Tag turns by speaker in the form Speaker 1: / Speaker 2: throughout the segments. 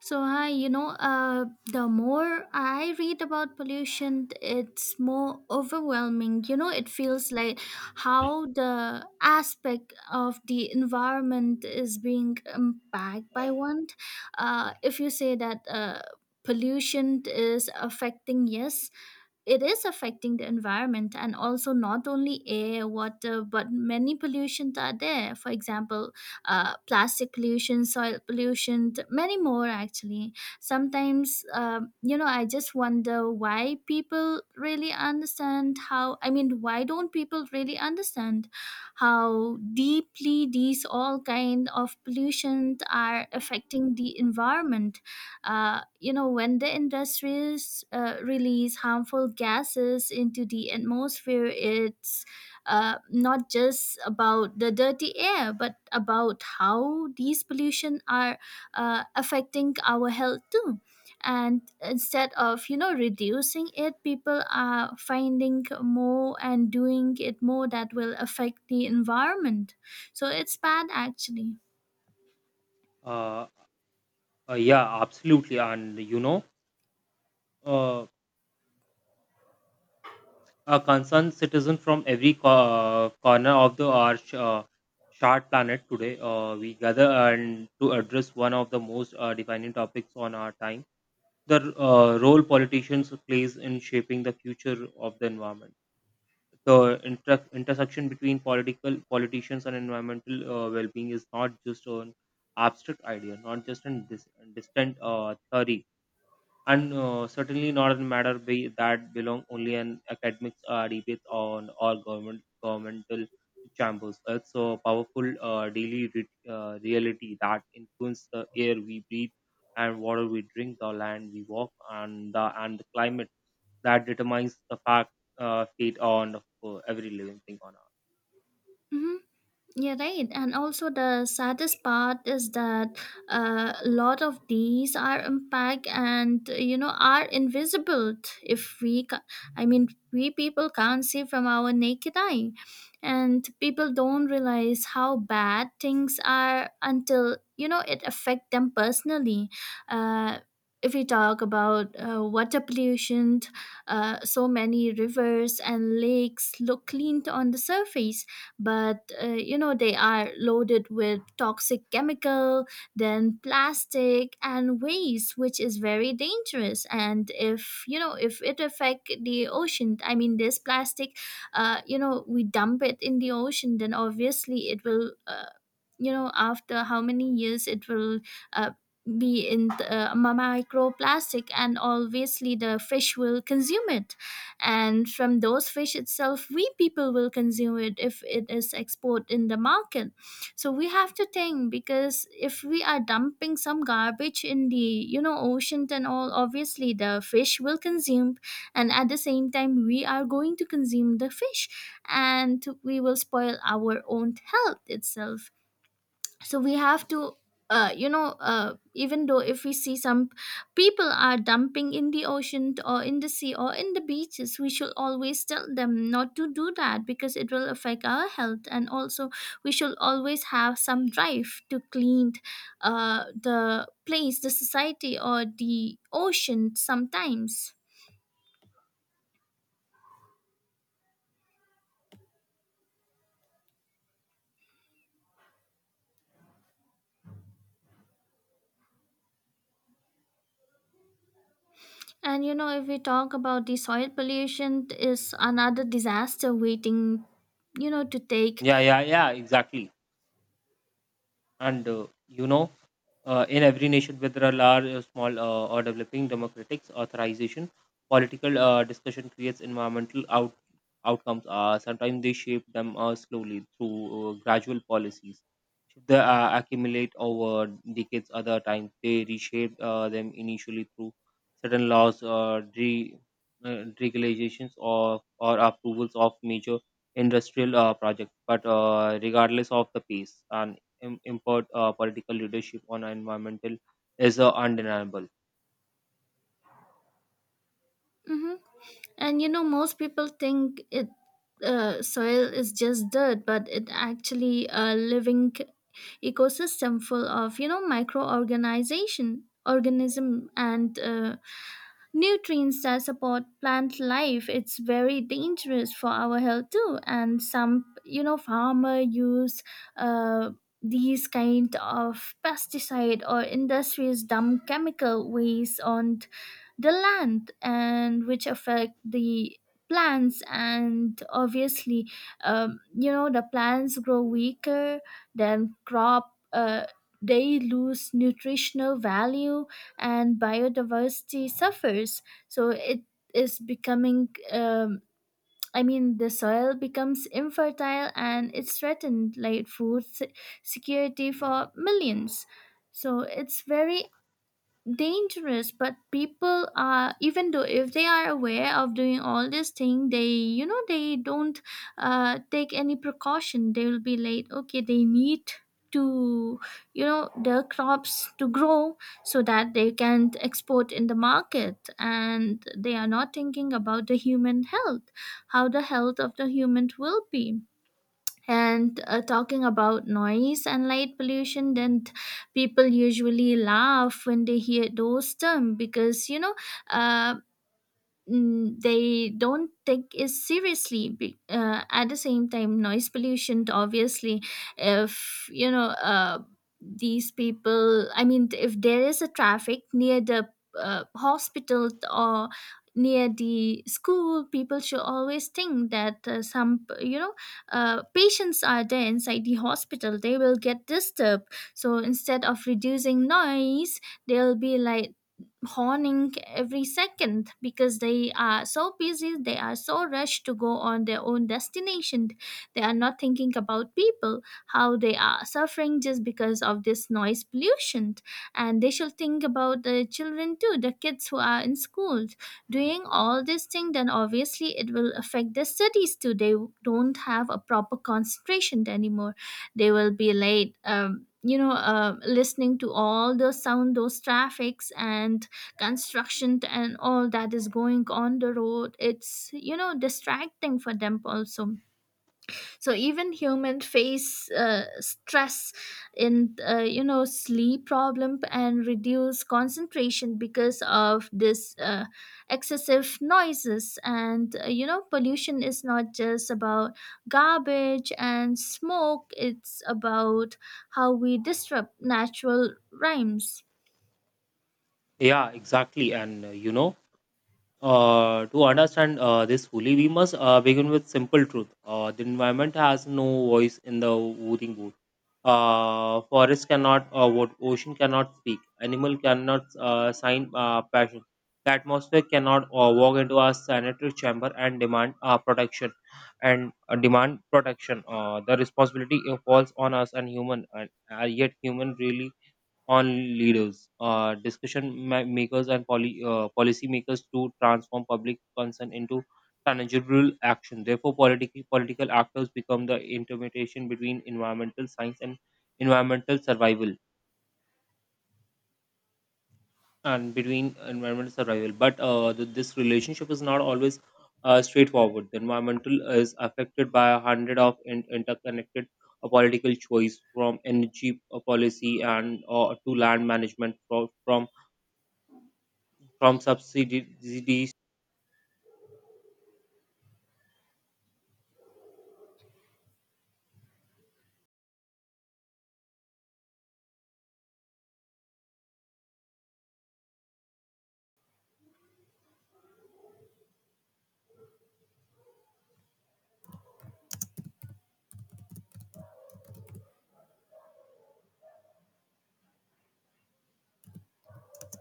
Speaker 1: So I, you know, uh, the more I read about pollution, it's more overwhelming. It feels like how the aspect of the environment is being impacted by one. If you say that pollution is affecting, yes, it is affecting the environment, and also not only air water, but many pollutions are there. For example, plastic pollution, soil pollution, many more actually. Sometimes, I just wonder why people really understand how, I mean, why don't people really understand how deeply these all kind of pollution are affecting the environment? When the industries release harmful gases into the atmosphere, it's not just about the dirty air, but about how these pollution are affecting our health too. And instead of, you know, reducing it, people are finding more and doing it more that will affect the environment. So it's bad actually.
Speaker 2: Uh, yeah, absolutely. And you know, uh, a concerned citizen from every corner of the our shard planet today, we gather and to address one of the most defining topics on our time: the role politicians plays in shaping the future of the environment. The intersection between political politicians and environmental well-being is not just an abstract idea, not just a distant theory and certainly not a matter be that belong only an academic debate on or governmental chambers. It's a powerful daily reality that influences the air we breathe and water we drink, the land we walk, and the climate that determines the fact fate on of, every living thing on Earth.
Speaker 1: Mhm. Yeah, right. And also, the saddest part is that a lot of these are impact and, you know, are invisible. T- if we, ca- I mean, we people can't see from our naked eye, and people don't realize how bad things are until, you know, it affect them personally. Uh, if we talk about water pollution, so many rivers and lakes look clean on the surface, but, you know, they are loaded with toxic chemical, then plastic and waste, which is very dangerous. And if you know if it affect the ocean, I mean, this plastic, you know, we dump it in the ocean, then obviously it will, you know, after how many years, it will uh, be in the, microplastic, and obviously the fish will consume it, and from those fish itself we people will consume it if it is export in the market. So we have to think, because if we are dumping some garbage in the, you know, ocean and all, obviously the fish will consume, and at the same time we are going to consume the fish, and we will spoil our own health itself. So we have to even though if we see some people are dumping in the ocean or in the sea or in the beaches, we should always tell them not to do that because it will affect our health. And also we should always have some drive to clean the place, the society, or the ocean sometimes. And, you know, if we talk about the soil pollution, is another disaster waiting, you know, to take.
Speaker 2: Yeah, yeah, yeah, exactly. And in every nation, whether a large or small or developing, democratic authorization, political discussion creates environmental outcomes. Sometimes they shape them slowly through gradual policies. They accumulate over decades. Other times, they reshape them initially through certain laws, regulations, or approvals of major industrial projects. But regardless of the pace and im- import political leadership on environmental is undeniable.
Speaker 1: Mhm. And, you know, most people think it, soil is just dirt, but it actually a living ecosystem, full of, you know, microorganization organism and nutrients that support plant life. It's very dangerous for our health too. And some, you know, farmer use uh, these kind of pesticide, or industries dump chemical waste on the land, and which affect the plants. And obviously, you know, the plants grow weaker, then crop, they lose nutritional value and biodiversity suffers. So it is becoming, I mean, the soil becomes infertile and it's threatened like food security for millions. So it's very dangerous. But people are, even though if they are aware of doing all this thing, they, you know, they don't take any precaution. They will be late, okay. They need to, you know, their crops to grow, so that they can export in the market, and they are not thinking about the human health, how the health of the human will be. And talking about noise and light pollution, then people usually laugh when they hear those terms, because, you know, uh, they don't take it seriously. At the same time, noise pollution, obviously, if you know these people, I mean, if there is a traffic near the hospital or near the school, people should always think that, some, you know, patients are there inside the hospital, they will get disturbed. So instead of reducing noise, they'll be like honing every second, because they are so busy, they are so rushed to go on their own destination. They are not thinking about people, how they are suffering just because of this noise pollution. And they should think about the children too, the kids who are in school. Doing all these things, then obviously it will affect their studies too. They don't have a proper concentration anymore. They will be late. Listening to all those sound, those traffics, and construction and all that is going on the road, it's, you know, distracting for them also. So even human face stress in, you know, sleep problem and reduce concentration because of this excessive noises. And, you know, pollution is not just about garbage and smoke, it's about how we disrupt natural rhymes.
Speaker 2: Yeah, exactly. And to understand this fully, we must begin with simple truth. The environment has no voice in the voting booth. Forest cannot vote, ocean cannot speak, animal cannot sign passion. The atmosphere cannot walk into a sanitary chamber and demand protection and demand protection. The responsibility falls on us and human, and yet human really on leaders, discussion makers, and policy makers to transform public concern into tangible action. Therefore, political actors become the intermediation between environmental science and environmental survival, and between environmental survival. But this relationship is not always straightforward. The environmental is affected by 100 of interconnected political choice from energy policy and to land management, from subsidies,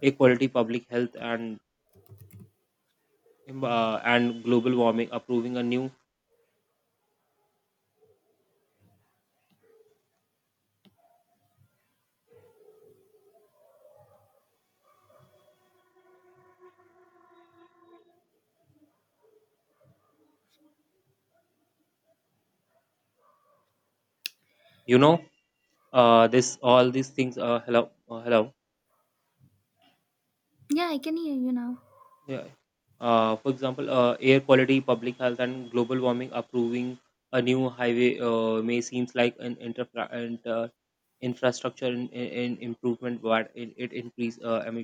Speaker 2: equality, public health, and global warming, approving a new, you know, this all these things. Hello, hello.
Speaker 1: Yeah, I can hear you now.
Speaker 2: Yeah. For example, air quality, public health, and global warming, approving a new highway may seems like an and, uh, infrastructure in improvement, but it increase emissions.